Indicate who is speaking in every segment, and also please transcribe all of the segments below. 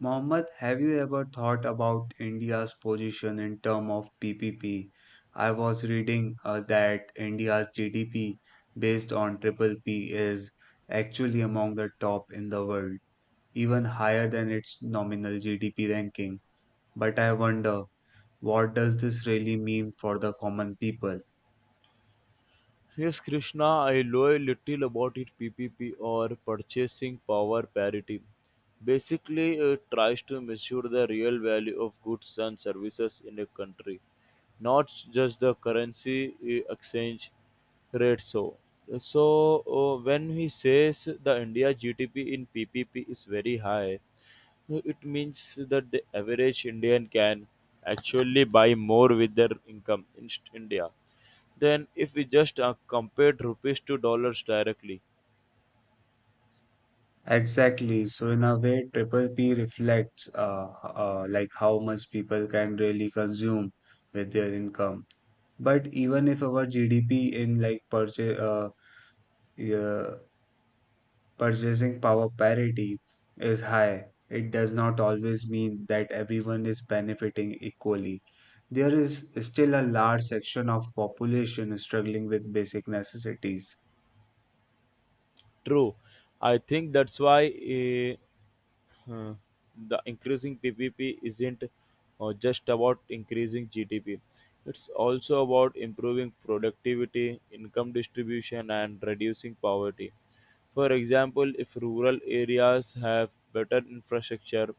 Speaker 1: Mohammed, have you ever thought about India's position in terms of PPP? I was reading that India's GDP based on triple P is actually among the top in the world, even higher than its nominal GDP ranking. But I wonder, what does this really mean for the common people?
Speaker 2: Yes, Krishna, I know a little about it. PPP or purchasing power parity, basically it tries to measure the real value of goods and services in a country, not just the currency exchange rate. So when he says the India GDP in PPP is very high, no, it means that the average Indian can actually buy more with their income in India than if we just compared rupees to dollars directly.
Speaker 1: Exactly. So in a way, triple P reflects like how much people can really consume with their income. But even if our GDP in like purchase uh, purchasing power parity is high, it does not always mean that everyone is benefiting equally. There is still a large section of population struggling with basic necessities.
Speaker 2: True. I think that's why. Uh, the increasing PPP isn't just about increasing GDP. It's also about improving productivity, income distribution, and reducing poverty. For example, if rural areas have better infrastructure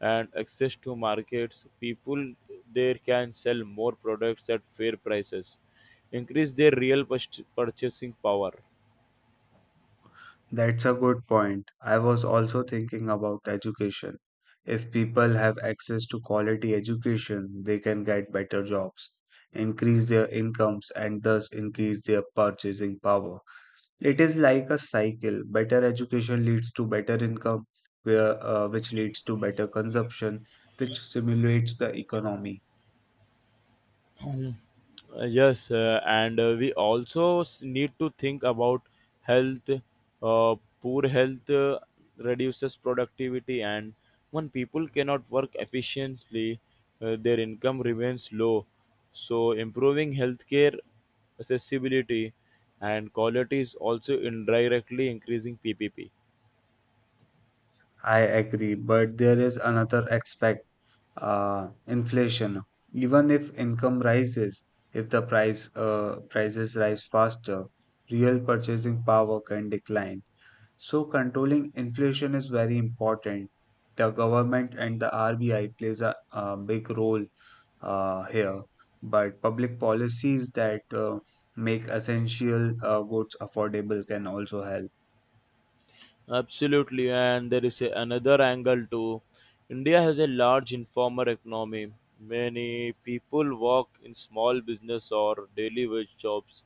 Speaker 2: and access to markets, people there can sell more products at fair prices, increase their purchasing power.
Speaker 1: That's a good point. I was also thinking about education. If people have access to quality education, they can get better jobs, increase their incomes, and thus increase their purchasing power. It is like a cycle. Better education leads to better income, which leads to better consumption, which stimulates the economy.
Speaker 2: Yes, and we also need to think about health. Uh, Poor health reduces productivity, and when people cannot work efficiently, their income remains low. So, improving healthcare accessibility and quality is also indirectly increasing PPP.
Speaker 1: I agree, but there is another aspect, inflation. Even if income rises, if the prices rise faster, real purchasing power can decline. So controlling inflation is very important. The government and the RBI plays a big role here, but public policies that make essential goods affordable can also help.
Speaker 2: Absolutely, and there is another angle too. India has a large informal economy. Many people work in small business or daily wage jobs.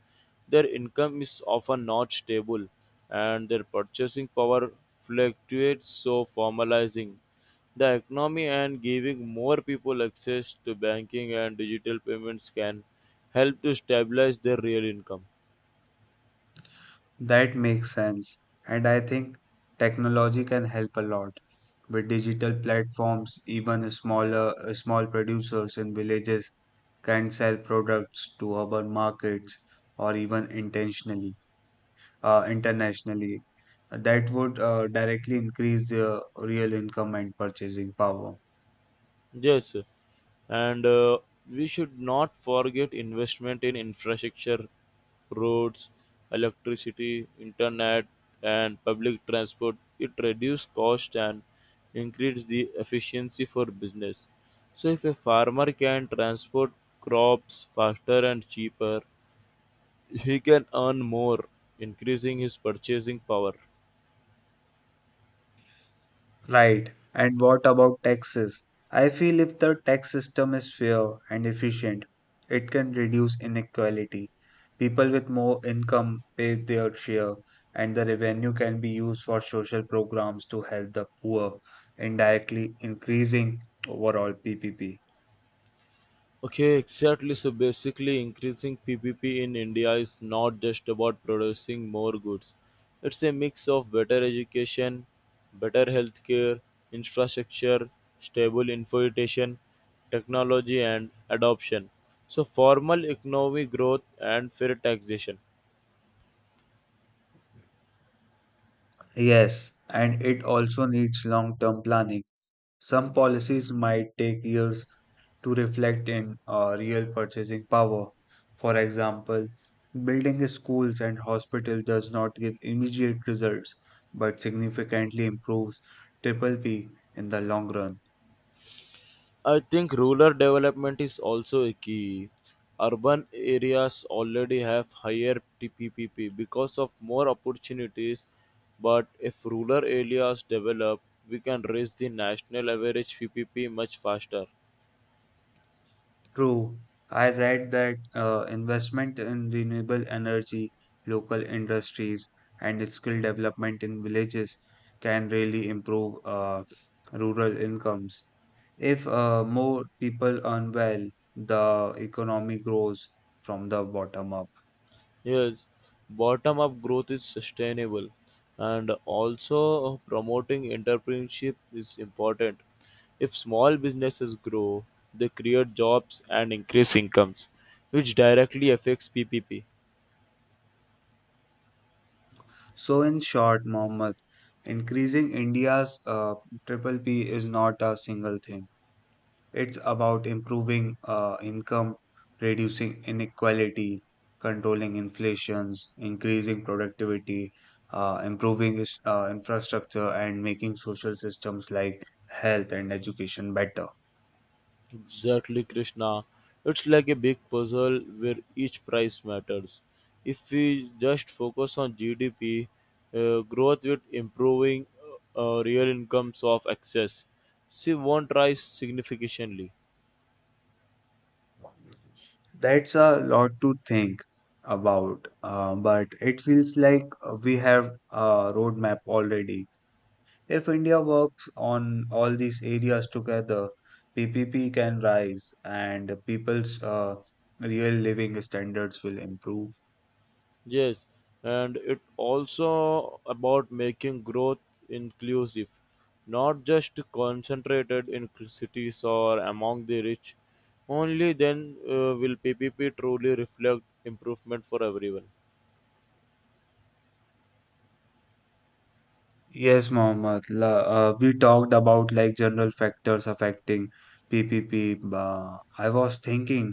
Speaker 2: Their income is often not stable, and their purchasing power fluctuates, so formalizing the economy and giving more people access to banking and digital payments can help to stabilize their real income.
Speaker 1: That makes sense, and I think technology can help a lot. With digital platforms, even small producers in villages can sell products to urban markets or even intentionally. Internationally. That would directly increase their real income and purchasing power.
Speaker 2: Yes, and we should not forget investment in infrastructure, roads, electricity, internet, and public transport. It reduces cost and increases the efficiency for business. So if a farmer can transport crops faster and cheaper, he can earn more, increasing his purchasing power.
Speaker 1: Right. And what about taxes? I feel if the tax system is fair and efficient, it can reduce inequality. People with more income pay their share, and the revenue can be used for social programs to help the poor, indirectly increasing overall PPP.
Speaker 2: Okay, exactly. So basically, increasing PPP in India is not just about producing more goods. It's a mix of better education, better healthcare, infrastructure, stable infiltration, technology, and adoption. So, formal economic growth and fair taxation.
Speaker 1: Yes, and it also needs long term planning. Some policies might take years to reflect in real purchasing power. For example, building schools and hospitals does not give immediate results but significantly improves triple P in the long run.
Speaker 2: I think rural development is also a key. Urban areas already have higher TPPP because of more opportunities, but if rural areas develop, we can raise the national average PPP much faster.
Speaker 1: True. I read that investment in renewable energy, local industries, and skill development in villages can really improve rural incomes. If more people earn well, the economy grows from the bottom up.
Speaker 2: Yes, bottom up growth is sustainable, and also promoting entrepreneurship is important. If small businesses grow, they create jobs and increase incomes, which directly affects PPP.
Speaker 1: So, in short, Mohammed, increasing India's triple P is not a single thing. It's about improving income, reducing inequality, controlling inflations, increasing productivity, infrastructure, and making social systems like health and education better.
Speaker 2: Exactly, Krishna. It's like a big puzzle where each price matters. If we just focus on GDP, growth with improving real incomes of access, see won't rise significantly.
Speaker 1: That's a lot to think about, but it feels like we have a roadmap already. If India works on all these areas together, PPP can rise and people's real living standards will improve.
Speaker 2: Yes, and it also about making growth inclusive, not just concentrated in cities or among the rich. Only then will PPP truly reflect improvement for everyone.
Speaker 1: Yes, Mohammed. We talked about like general factors affecting PPP. I was thinking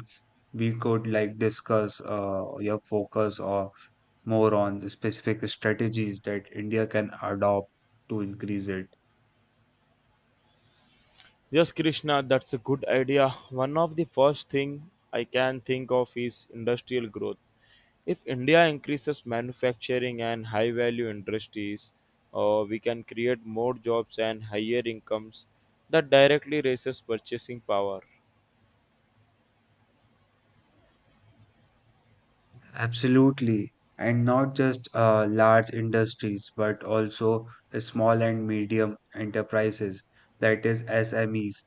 Speaker 1: we could like discuss your focus or more on specific strategies that India can adopt to increase it.
Speaker 2: Yes, Krishna, that's a good idea. One of the first thing I can think of is industrial growth. If India increases manufacturing and high value industries, we can create more jobs and higher incomes that directly raises purchasing power.
Speaker 1: Absolutely. And not just large industries, but also small and medium enterprises, that is SMEs.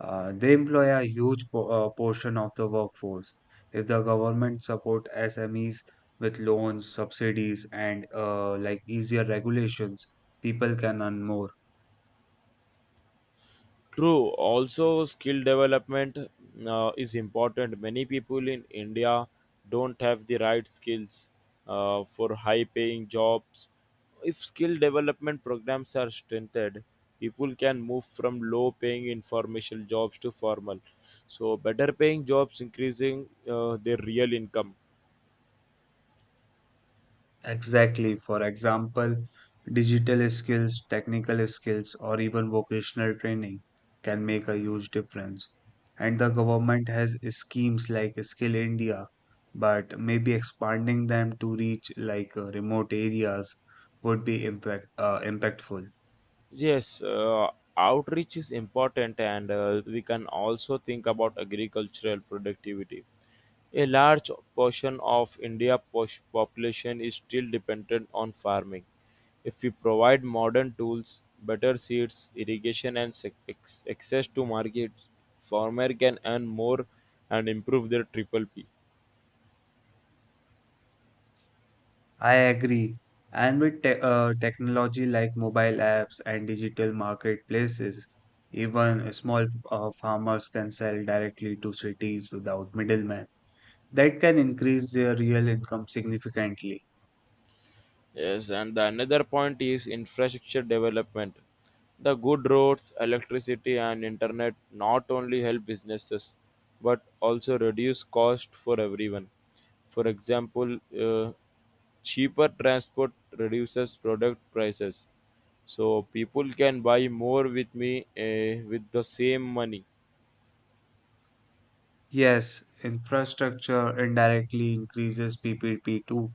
Speaker 1: They employ a huge po portion of the workforce. If the government support SMEs with loans, subsidies, and like easier regulations, people can earn more.
Speaker 2: True. Also, skill development is important. Many people in India don't have the right skills for high paying jobs. If skill development programs are strengthened, people can move from low paying informational jobs to formal. So, better paying jobs increasing their real income.
Speaker 1: Exactly. For example, digital skills, technical skills, or even vocational training can make a huge difference. And the government has schemes like Skill India, but maybe expanding them to reach like remote areas would be impactful.
Speaker 2: Yes, outreach is important, and we can also think about agricultural productivity. A large portion of India population is still dependent on farming. If we provide modern tools, better seeds, irrigation, and access to markets, farmer can earn more and improve their triple P.
Speaker 1: I agree. And with te technology like mobile apps and digital marketplaces, even small farmers can sell directly to cities without middlemen. That can increase their real income significantly.
Speaker 2: Yes, and the another point is infrastructure development. The good roads, electricity, and internet not only help businesses but also reduce cost for everyone. For example, cheaper transport reduces product prices, so people can buy more with the same money.
Speaker 1: Yes, infrastructure indirectly increases PPP too.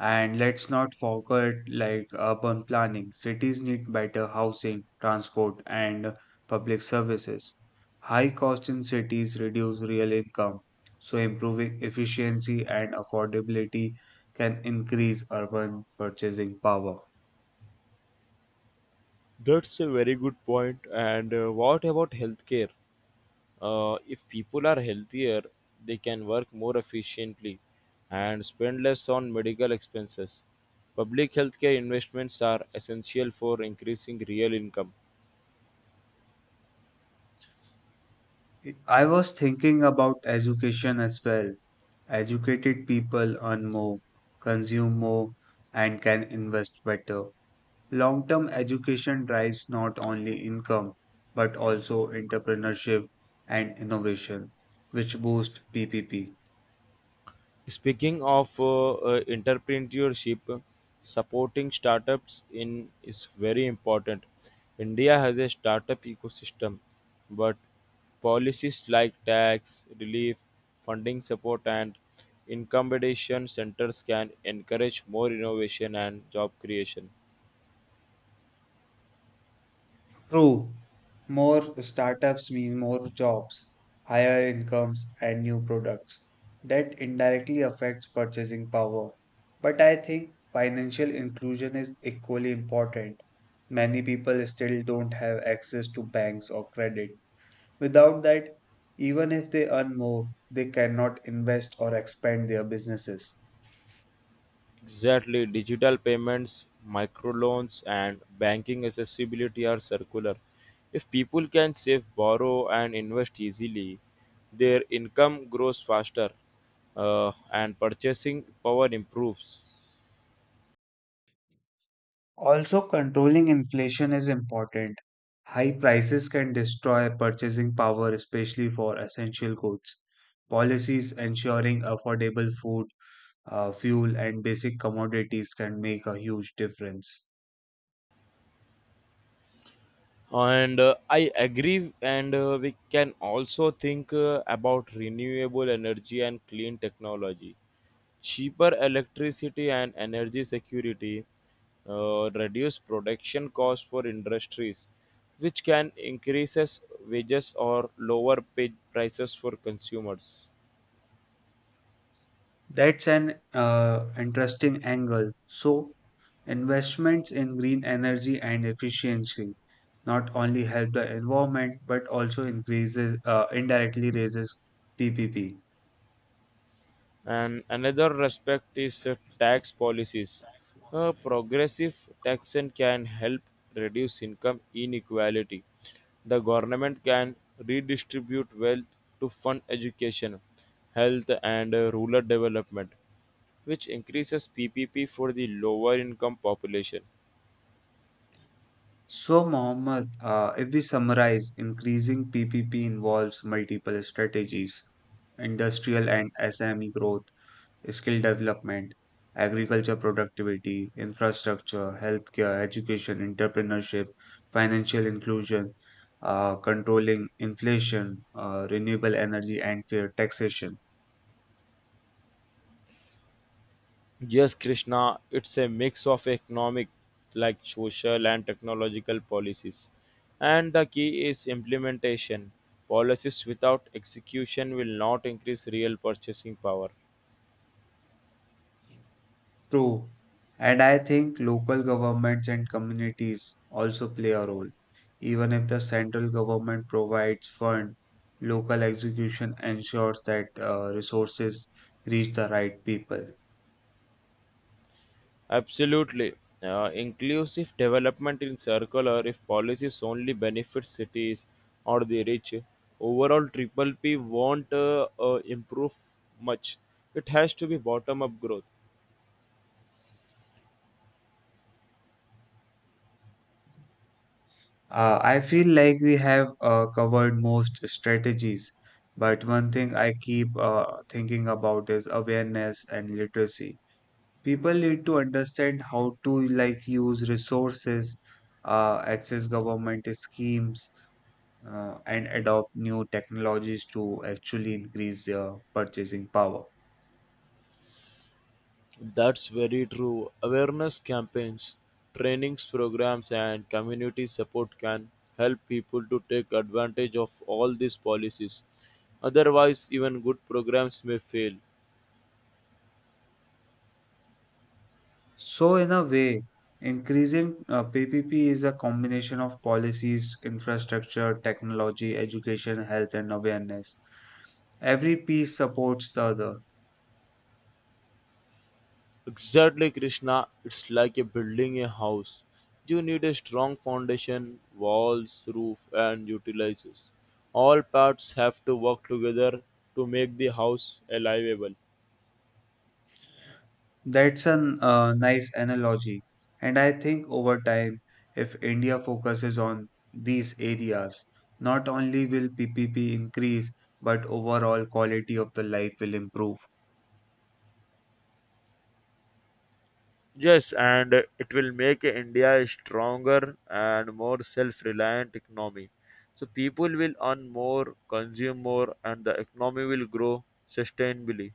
Speaker 1: And let's not forget like urban planning. Cities need better housing, transport, and public services. High costs in cities reduce real income, so improving efficiency and affordability can increase urban purchasing power.
Speaker 2: That's a very good point. And what about healthcare? If people are healthier, they can work more efficiently and spend less on medical expenses. Public healthcare investments are essential for increasing real income.
Speaker 1: I was thinking about education as well. Educated people earn more, consume more, and can invest better. Long term education drives not only income but also entrepreneurship and innovation, which boost PPP.
Speaker 2: Speaking of entrepreneurship, supporting startups in is very important. India has a startup ecosystem, but policies like tax relief, funding support, and incumbination centers can encourage more innovation and job creation.
Speaker 1: True, more startups mean more jobs, higher incomes, and new products. That indirectly affects purchasing power. But I think financial inclusion is equally important. Many people still don't have access to banks or credit. Without that, even if they earn more, they cannot invest or expand their businesses.
Speaker 2: Exactly, digital payments, microloans, and banking accessibility are circular. If people can save, borrow, and invest easily, their income grows faster and purchasing power improves.
Speaker 1: Also, controlling inflation is important. High prices can destroy purchasing power, especially for essential goods. Policies ensuring affordable food, fuel, and basic commodities can make a huge difference.
Speaker 2: And I agree, and we can also think about renewable energy and clean technology. Cheaper electricity and energy security reduce production costs for industries, which can increases wages or lower pay prices for consumers.
Speaker 1: That's an interesting angle. So, investments in green energy and efficiency not only help the environment but also increases indirectly raises PPP.
Speaker 2: And another respect is tax policies. A progressive taxation can help reduce income inequality. The government can redistribute wealth to fund education, health, and rural development, which increases PPP for the lower income population.
Speaker 1: So, Mohammed, if we summarize, increasing PPP involves multiple strategies: industrial and SME growth, skill development, agriculture productivity, infrastructure, healthcare, education, entrepreneurship, financial inclusion, controlling inflation, renewable energy, and fair taxation.
Speaker 2: Yes, Krishna, it's a mix of economic, like social and technological policies. And the key is implementation. Policies without execution will not increase real purchasing power.
Speaker 1: True. And I think local governments and communities also play a role. Even if the central government provides fund, local execution ensures that resources reach the right people.
Speaker 2: Absolutely. Inclusive development in circular, if policies only benefit cities or the rich, overall triple P won't improve much. It has to be bottom up growth.
Speaker 1: I feel like we have covered most strategies, but one thing I keep thinking about is awareness and literacy. People need to understand how to like use resources, access government schemes, and adopt new technologies to actually increase their purchasing power.
Speaker 2: That's very true. Awareness campaigns, trainings programs, and community support can help people to take advantage of all these policies. Otherwise, even good programs may fail.
Speaker 1: So, in a way, increasing PPP is a combination of policies, infrastructure, technology, education, health, and awareness. Every piece supports the other.
Speaker 2: Exactly, Krishna. It's like a building a house. You need a strong foundation, walls, roof, and utilizers. All parts have to work together to make the house livable.
Speaker 1: That's a nice analogy. And I think over time, if India focuses on these areas, not only will PPP increase, but overall quality of the life will improve.
Speaker 2: Yes, and it will make India a stronger and more self-reliant economy. So people will earn more, consume more, and the economy will grow sustainably.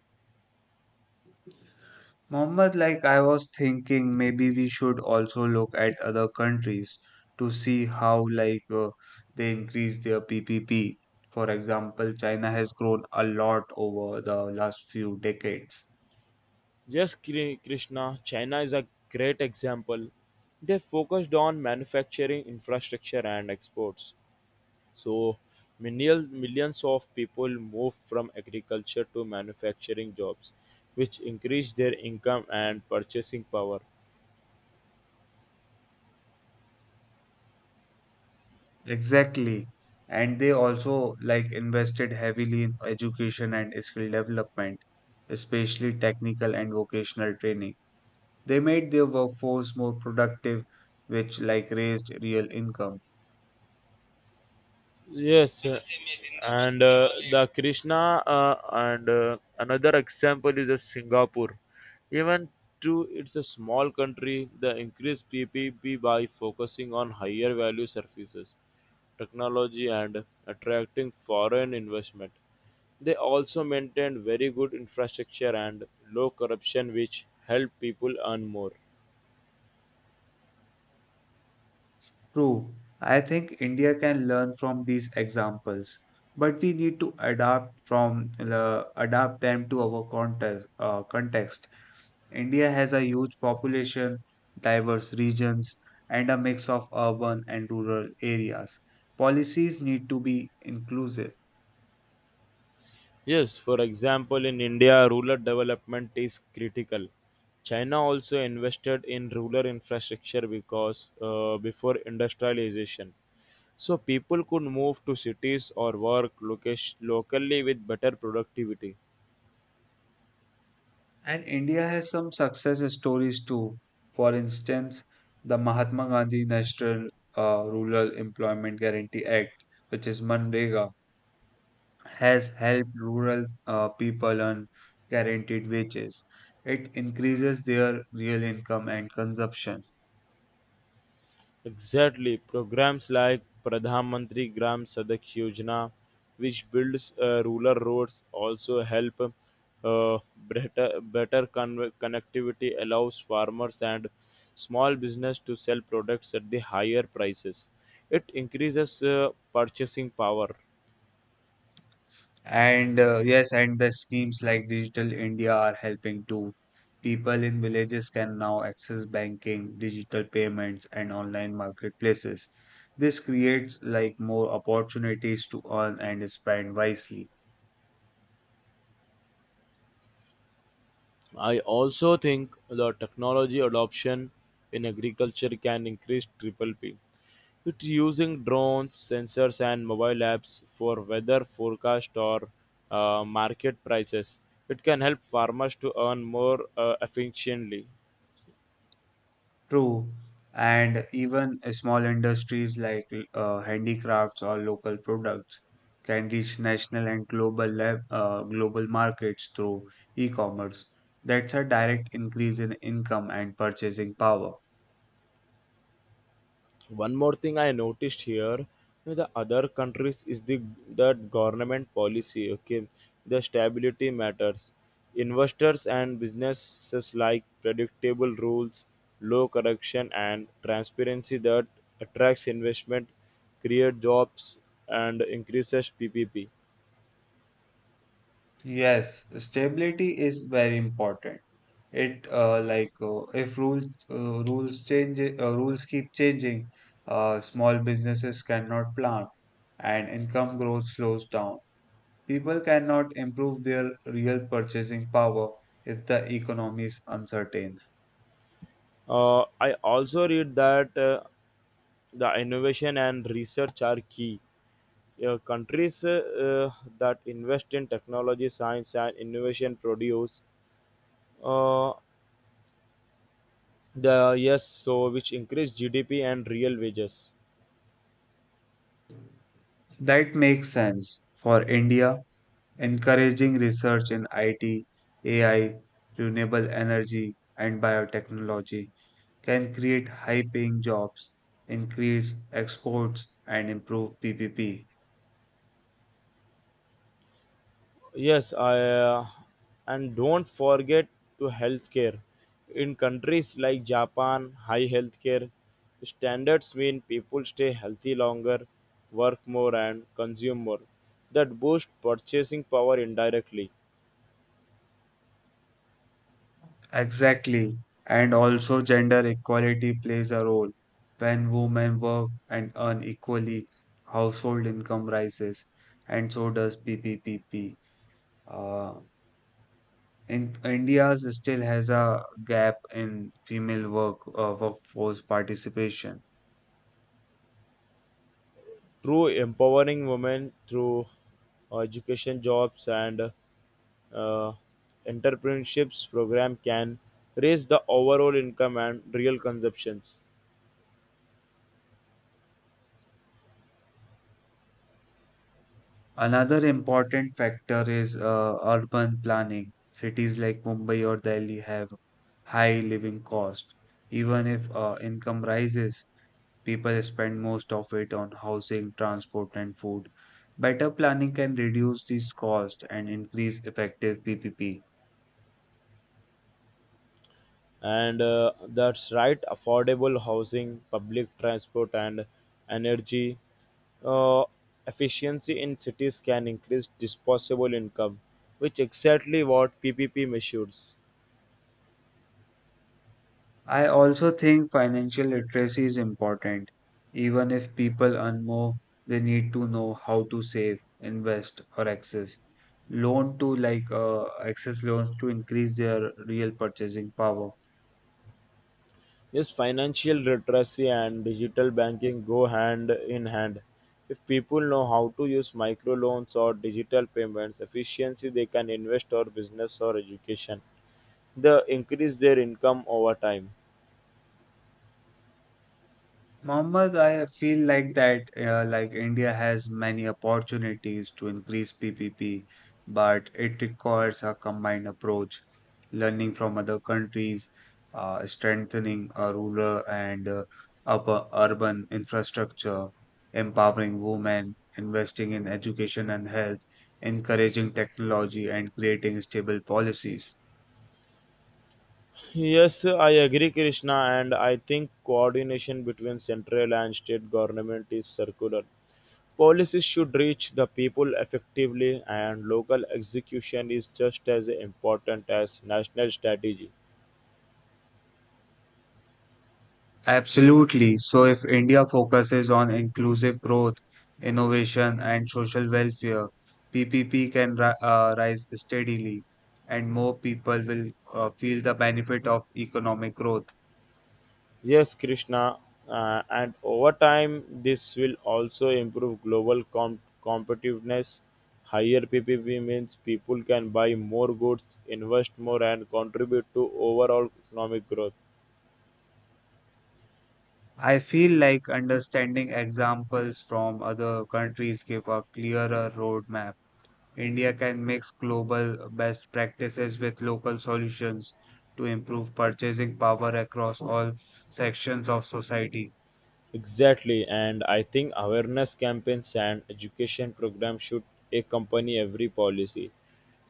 Speaker 1: Mohammed, like I was thinking, maybe we should also look at other countries to see how, like, they increase their PPP. For example, China has grown a lot over the last few decades.
Speaker 2: Yes, Krishna, China is a great example. They focused on manufacturing, infrastructure, and exports. So, millions of people moved from agriculture to manufacturing jobs, which increased their income and purchasing power.
Speaker 1: Exactly. And they also, like, invested heavily in education and skill development, especially technical and vocational training. They made their workforce more productive, which, like, raised real income.
Speaker 2: Yes, and the Krishna, and another example is Singapore. Even though it's a small country, the increased PPP by focusing on higher value services, technology, and attracting foreign investment. They also maintained very good infrastructure and low corruption, which help people earn more.
Speaker 1: True, I think India can learn from these examples, but we need to adapt them to our context. India has a huge population, diverse regions, and a mix of urban and rural areas. Policies need to be inclusive.
Speaker 2: Yes, for example, in India, rural development is critical. China also invested in rural infrastructure because before industrialization. So people could move to cities or locally with better productivity.
Speaker 1: And India has some success stories too. For instance, the Mahatma Gandhi National Rural Employment Guarantee Act, which is MNREGA, has helped rural people earn guaranteed wages. It increases their real income and consumption.
Speaker 2: Exactly. Programs like Pradhan Mantri Gram Sadak Yojana, which builds rural roads, also help better connectivity, allows farmers and small business to sell products at the higher prices. It increases purchasing power.
Speaker 1: And Yes, and the schemes like Digital India are helping too. People in villages can now access banking, digital payments, and online marketplaces. This creates like more opportunities to earn and spend wisely.
Speaker 2: I also think the technology adoption in agriculture can increase triple P. It's using drones, sensors, and mobile apps for weather forecast or market prices. It can help farmers to earn more efficiently.
Speaker 1: True. And even small industries like handicrafts or local products can reach national and global markets through e-commerce. That's a direct increase in income and purchasing power.
Speaker 2: One more thing I noticed here, you know, the other countries is the that government policy. Okay, the stability matters. Investors and businesses like predictable rules, low corruption, and transparency that attracts investment, create jobs, and increases PPP.
Speaker 1: Yes, stability is very important. It like If rules change. Rules keep changing, small businesses cannot plan and income growth slows down. People cannot improve their real purchasing power if the economy is uncertain.
Speaker 2: I also read that the innovation and research are key. Yeah, countries that invest in technology, science, and innovation produce uh, the yes, so which increase GDP and real wages.
Speaker 1: That makes sense. For India, encouraging research in IT, AI, renewable energy, and biotechnology can create high paying jobs, increase exports, and improve PPP.
Speaker 2: Yes, I and don't forget to healthcare. In countries like Japan, high healthcare standards mean people stay healthy longer, work more, and consume more. That boost purchasing power indirectly.
Speaker 1: Exactly. And also, gender equality plays a role. When women work and earn equally, household income rises, and so does PPPP. Uh, in India still has a gap in female workforce participation.
Speaker 2: Through empowering women through education, jobs, and uh, entrepreneurships program can raise the overall income and real consumptions.
Speaker 1: Another important factor is urban planning. Cities like Mumbai or Delhi have high living cost. Even if income rises, people spend most of it on housing, transport, and food. Better planning can reduce these costs and increase effective PPP.
Speaker 2: And that's right, affordable housing, public transport, and energy uh, efficiency in cities can increase disposable income, which exactly what PPP measures.
Speaker 1: I also think financial literacy is important. Even if people earn more, they need to know how to save, invest, or access loans to increase their real purchasing power.
Speaker 2: Yes, financial literacy and digital banking go hand in hand. If people know how to use microloans or digital payments efficiency, they can invest or business or education. They increase their income over time.
Speaker 1: Mohammed, I feel like that India has many opportunities to increase PPP, but it requires a combined approach, learning from other countries, strengthening a rural and upper urban infrastructure, empowering women, investing in education and health, encouraging technology, and creating stable policies.
Speaker 2: Yes, I agree, Krishna, and I think coordination between central and state government is circular. Policies should reach the people effectively, and local execution is just as important as national strategy.
Speaker 1: Absolutely. So, if India focuses on inclusive growth, innovation, and social welfare, PPP can rise steadily, and more people will feel the benefit of economic growth.
Speaker 2: Yes, Krishna. And over time, this will also improve global competitiveness. Higher PPP means people can buy more goods, invest more, and contribute to overall economic growth.
Speaker 1: I feel like understanding examples from other countries give a clearer roadmap. India can mix global best practices with local solutions to improve purchasing power across all sections of society.
Speaker 2: Exactly, and I think awareness campaigns and education programs should accompany every policy.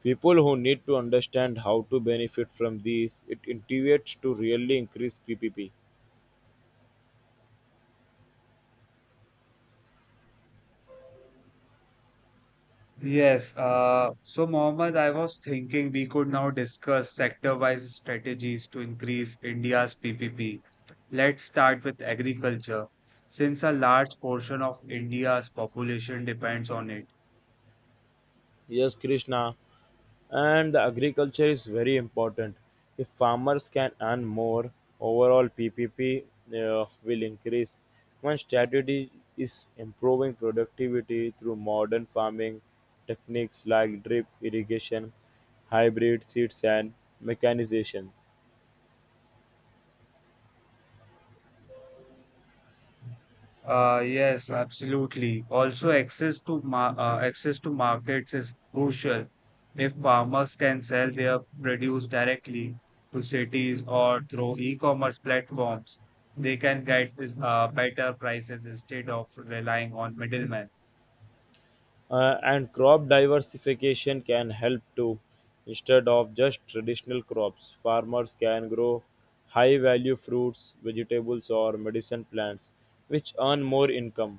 Speaker 2: People who need to understand how to benefit from these, it integrates to really increase PPP.
Speaker 1: Yes, so Mohammed, I was thinking we could now discuss sector-wise strategies to increase India's PPP. Let's start with agriculture, since a large portion of India's population depends on it.
Speaker 2: Yes, Krishna. And the agriculture is very important. If farmers can earn more, overall PPP will increase. One strategy is improving productivity through modern farming techniques like drip irrigation, hybrid seeds, and mechanization.
Speaker 1: Yes, absolutely. Also, access to markets is crucial. If farmers can sell their produce directly to cities or through e-commerce platforms, they can get better prices instead of relying on middlemen.
Speaker 2: And crop diversification can help too. Instead of just traditional crops, farmers can grow high value fruits, vegetables, or medicine plants, which earn more income.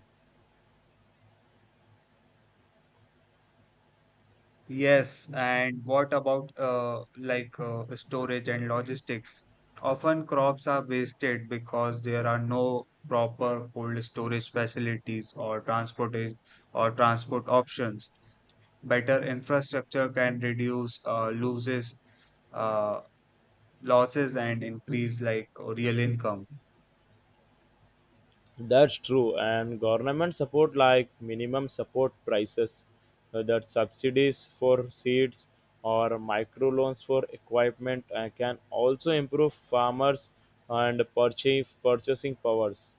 Speaker 1: Yes, and what about storage and logistics? Often crops are wasted because there are no proper cold storage facilities or transport options. Better infrastructure can reduce uh, losses and increase real income.
Speaker 2: That's true, and government support like minimum support prices, that subsidies for seeds or microloans for equipment, can also improve farmers and purchase purchasing powers.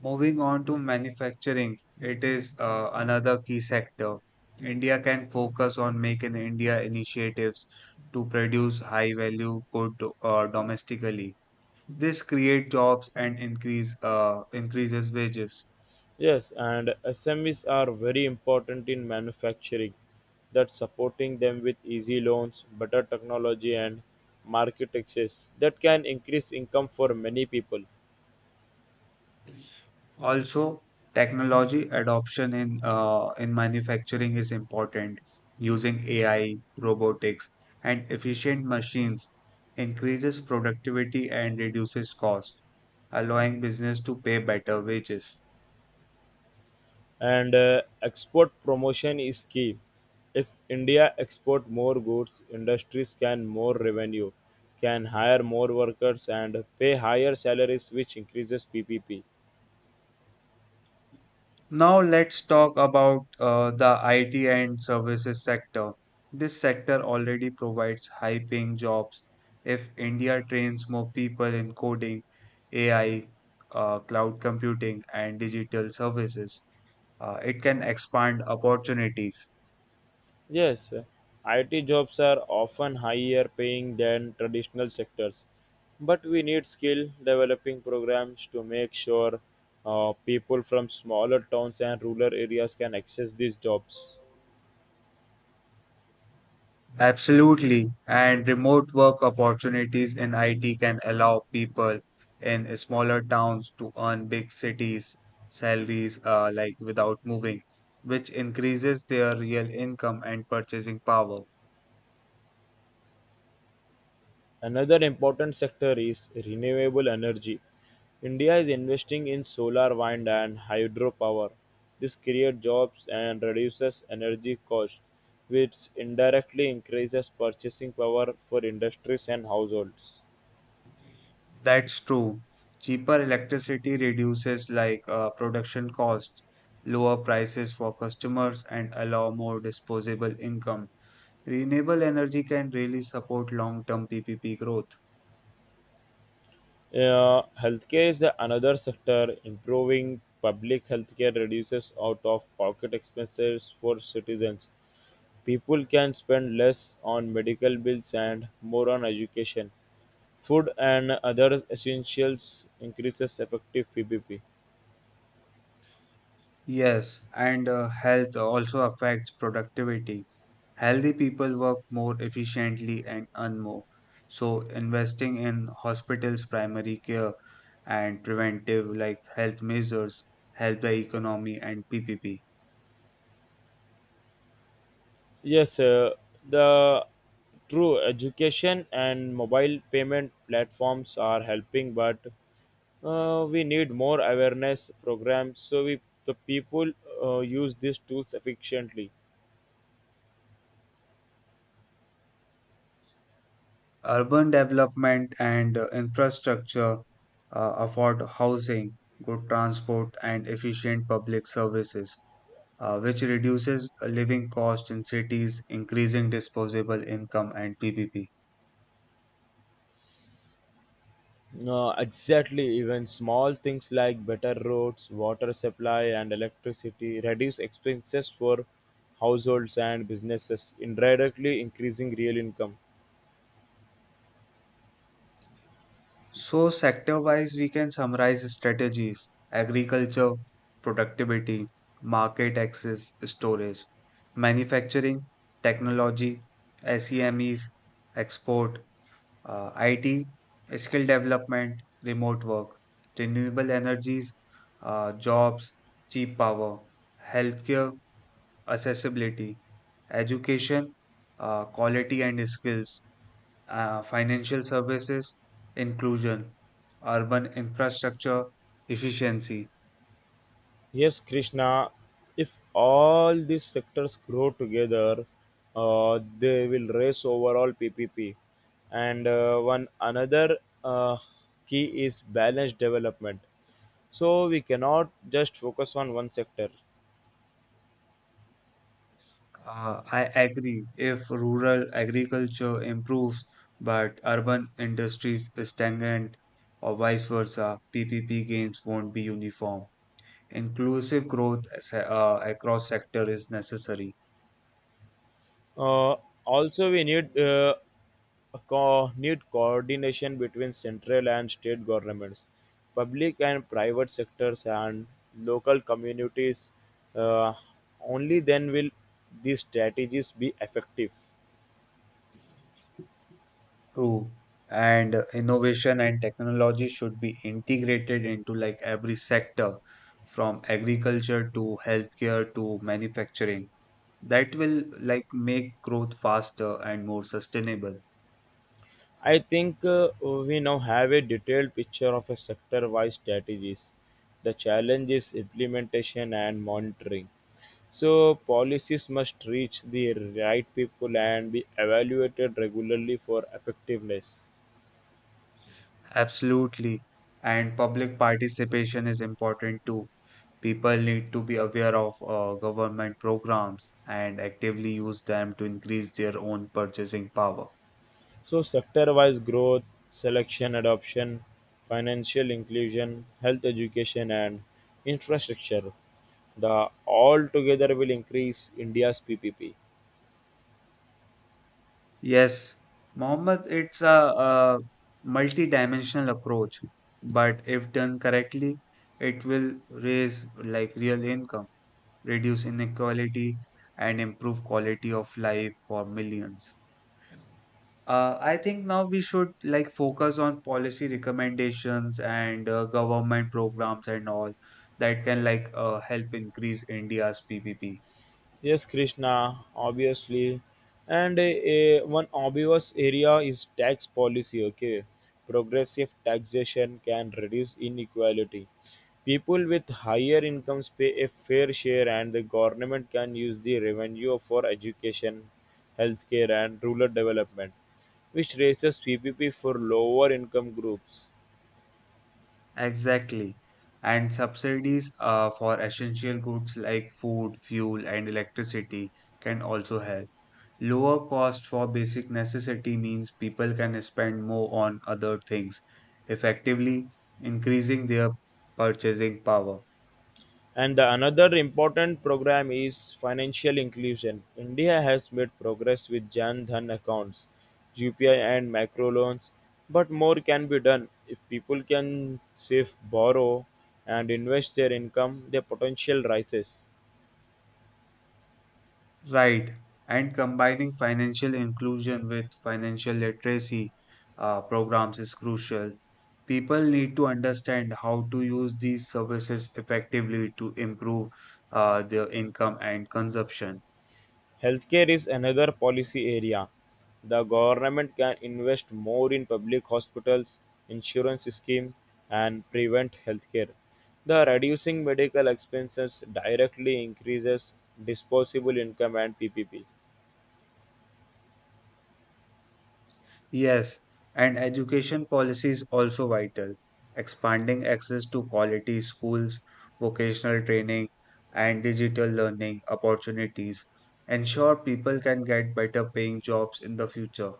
Speaker 1: Moving on to manufacturing, it is another key sector. India can focus on Make in India initiatives to produce high-value good domestically. This creates jobs and increases wages.
Speaker 2: Yes, and SMEs are very important in manufacturing. That supporting them with easy loans, better technology, and market access that can increase income for many people.
Speaker 1: Also, technology adoption in manufacturing is important. Using AI, robotics, and efficient machines increases productivity and reduces cost, allowing business to pay better wages.
Speaker 2: And export promotion is key. If India export more goods, industries can more revenue, can hire more workers, and pay higher salaries, which increases PPP.
Speaker 1: Now let's talk about the IT and services sector. This sector already provides high paying jobs. If India trains more people in coding, AI, cloud computing, and digital services, it can expand opportunities.
Speaker 2: Yes, IT jobs are often higher paying than traditional sectors, but we need skill developing programs to make sure people from smaller towns and rural areas can access these jobs.
Speaker 1: Absolutely. And remote work opportunities in IT can allow people in smaller towns to earn big cities salaries without moving, which increases their real income and purchasing power.
Speaker 2: Another important sector is renewable energy. India is investing in solar, wind, and hydropower. This creates jobs and reduces energy costs, which indirectly increases purchasing power for industries and households.
Speaker 1: That's true. Cheaper electricity reduces production costs, lower prices for customers and allow more disposable income. Renewable energy can really support long-term PPP growth.
Speaker 2: Healthcare is the another sector. Improving public healthcare reduces out of pocket expenses for citizens. People can spend less on medical bills and more on education. Food and other essentials increases effective PPP.
Speaker 1: Yes, and health also affects productivity. Healthy people work more efficiently and earn more. So, investing in hospitals, primary care, and preventive health measures help the economy and PPP.
Speaker 2: Yes, the true education and mobile payment platforms are helping, but we need more awareness programs so we the people use these tools efficiently.
Speaker 1: Urban development and infrastructure, afford housing, good transport, and efficient public services, which reduces living costs in cities, increasing disposable income and PPP.
Speaker 2: Exactly, even small things like better roads, water supply, and electricity reduce expenses for households and businesses, indirectly increasing real income.
Speaker 1: So, sector wise, we can summarize strategies: agriculture, productivity, market access, storage, manufacturing, technology, SEMEs, export, IT, skill development, remote work, renewable energies, jobs, cheap power, healthcare, accessibility, education, quality and skills, financial services, inclusion, urban infrastructure, efficiency.
Speaker 2: Yes, Krishna, if all these sectors grow together, they will raise overall PPP. And one another uh, key is balanced development. So we cannot just focus on one sector.
Speaker 1: I agree. If rural agriculture improves but urban industries stagnant or vice versa, PPP gains won't be uniform. Inclusive growth across sector is necessary.
Speaker 2: Uh, Also, we need need coordination between central and state governments, public and private sectors, and local communities. Uh, Only then will these strategies be effective.
Speaker 1: True. And innovation and technology should be integrated into every sector, from agriculture to healthcare to manufacturing. That will make growth faster and more sustainable.
Speaker 2: I think we now have a detailed picture of a sector-wise strategies. The challenge is implementation and monitoring. So policies must reach the right people and be evaluated regularly for effectiveness.
Speaker 1: Absolutely. And public participation is important too. People need to be aware of government programs and actively use them to increase their own purchasing power.
Speaker 2: So sector-wise growth, selection, adoption, financial inclusion, health education, and infrastructure. The all together will increase India's PPP.
Speaker 1: Yes, Mohammed, it's a multi-dimensional approach, but if done correctly, it will raise real income, reduce inequality, and improve quality of life for millions. I think now we should focus on policy recommendations and government programs and all that can help increase India's PPP.
Speaker 2: Yes, Krishna, obviously. And one obvious area is tax policy, okay? Progressive taxation can reduce inequality. People with higher incomes pay a fair share, and the government can use the revenue for education, healthcare, and rural development, which raises PPP for lower income groups.
Speaker 1: Exactly. And subsidies for essential goods like food, fuel, and electricity can also help. Lower cost for basic necessity means people can spend more on other things, effectively increasing their purchasing power.
Speaker 2: And the another important program is financial inclusion. India has made progress with Jan Dhan accounts, UPI and micro loans, but more can be done. If people can save, borrow and invest their income, their potential rises.
Speaker 1: Right. And combining financial inclusion with financial literacy programs is crucial. People need to understand how to use these services effectively to improve their income and consumption.
Speaker 2: Healthcare is another policy area. The government can invest more in public hospitals, insurance scheme, and prevent healthcare. The reducing medical expenses directly increases disposable income and PPP.
Speaker 1: Yes, and education policy is also vital. Expanding access to quality schools, vocational training, and digital learning opportunities ensure people can get better paying jobs in the future.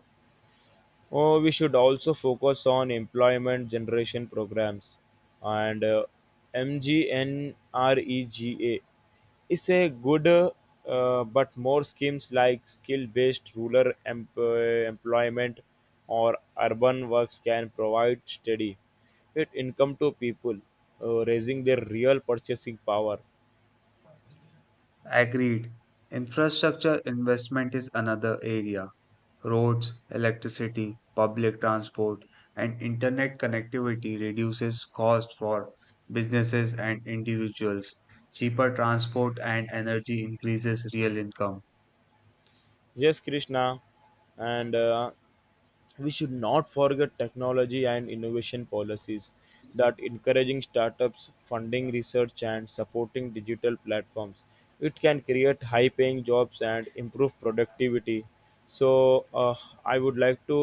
Speaker 2: Oh, we should also focus on employment generation programs and MGNREGA is a good but more schemes like skill based rural employment or urban works can provide steady it income to people, raising their real purchasing power.
Speaker 1: Agreed. Infrastructure investment is another area. Roads, electricity, public transport, and internet connectivity reduces cost for businesses and individuals. Cheaper transport and energy increases real income.
Speaker 2: Yes, Krishna, and we should not forget technology and innovation policies that encouraging startups, funding research, and supporting digital platforms. It can create high paying jobs and improve productivity. So I would like to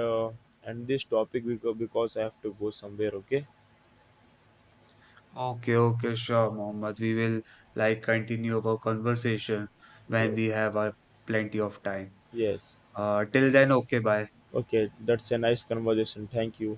Speaker 2: uh, end this topic because I have to go somewhere, okay.
Speaker 1: Okay, okay, sure, Mohammed. We will continue our conversation when
Speaker 2: Ye-
Speaker 1: we have plenty of time.
Speaker 2: yes,
Speaker 1: Till then, okay, bye.
Speaker 2: okay, that's a nice conversation, thank you.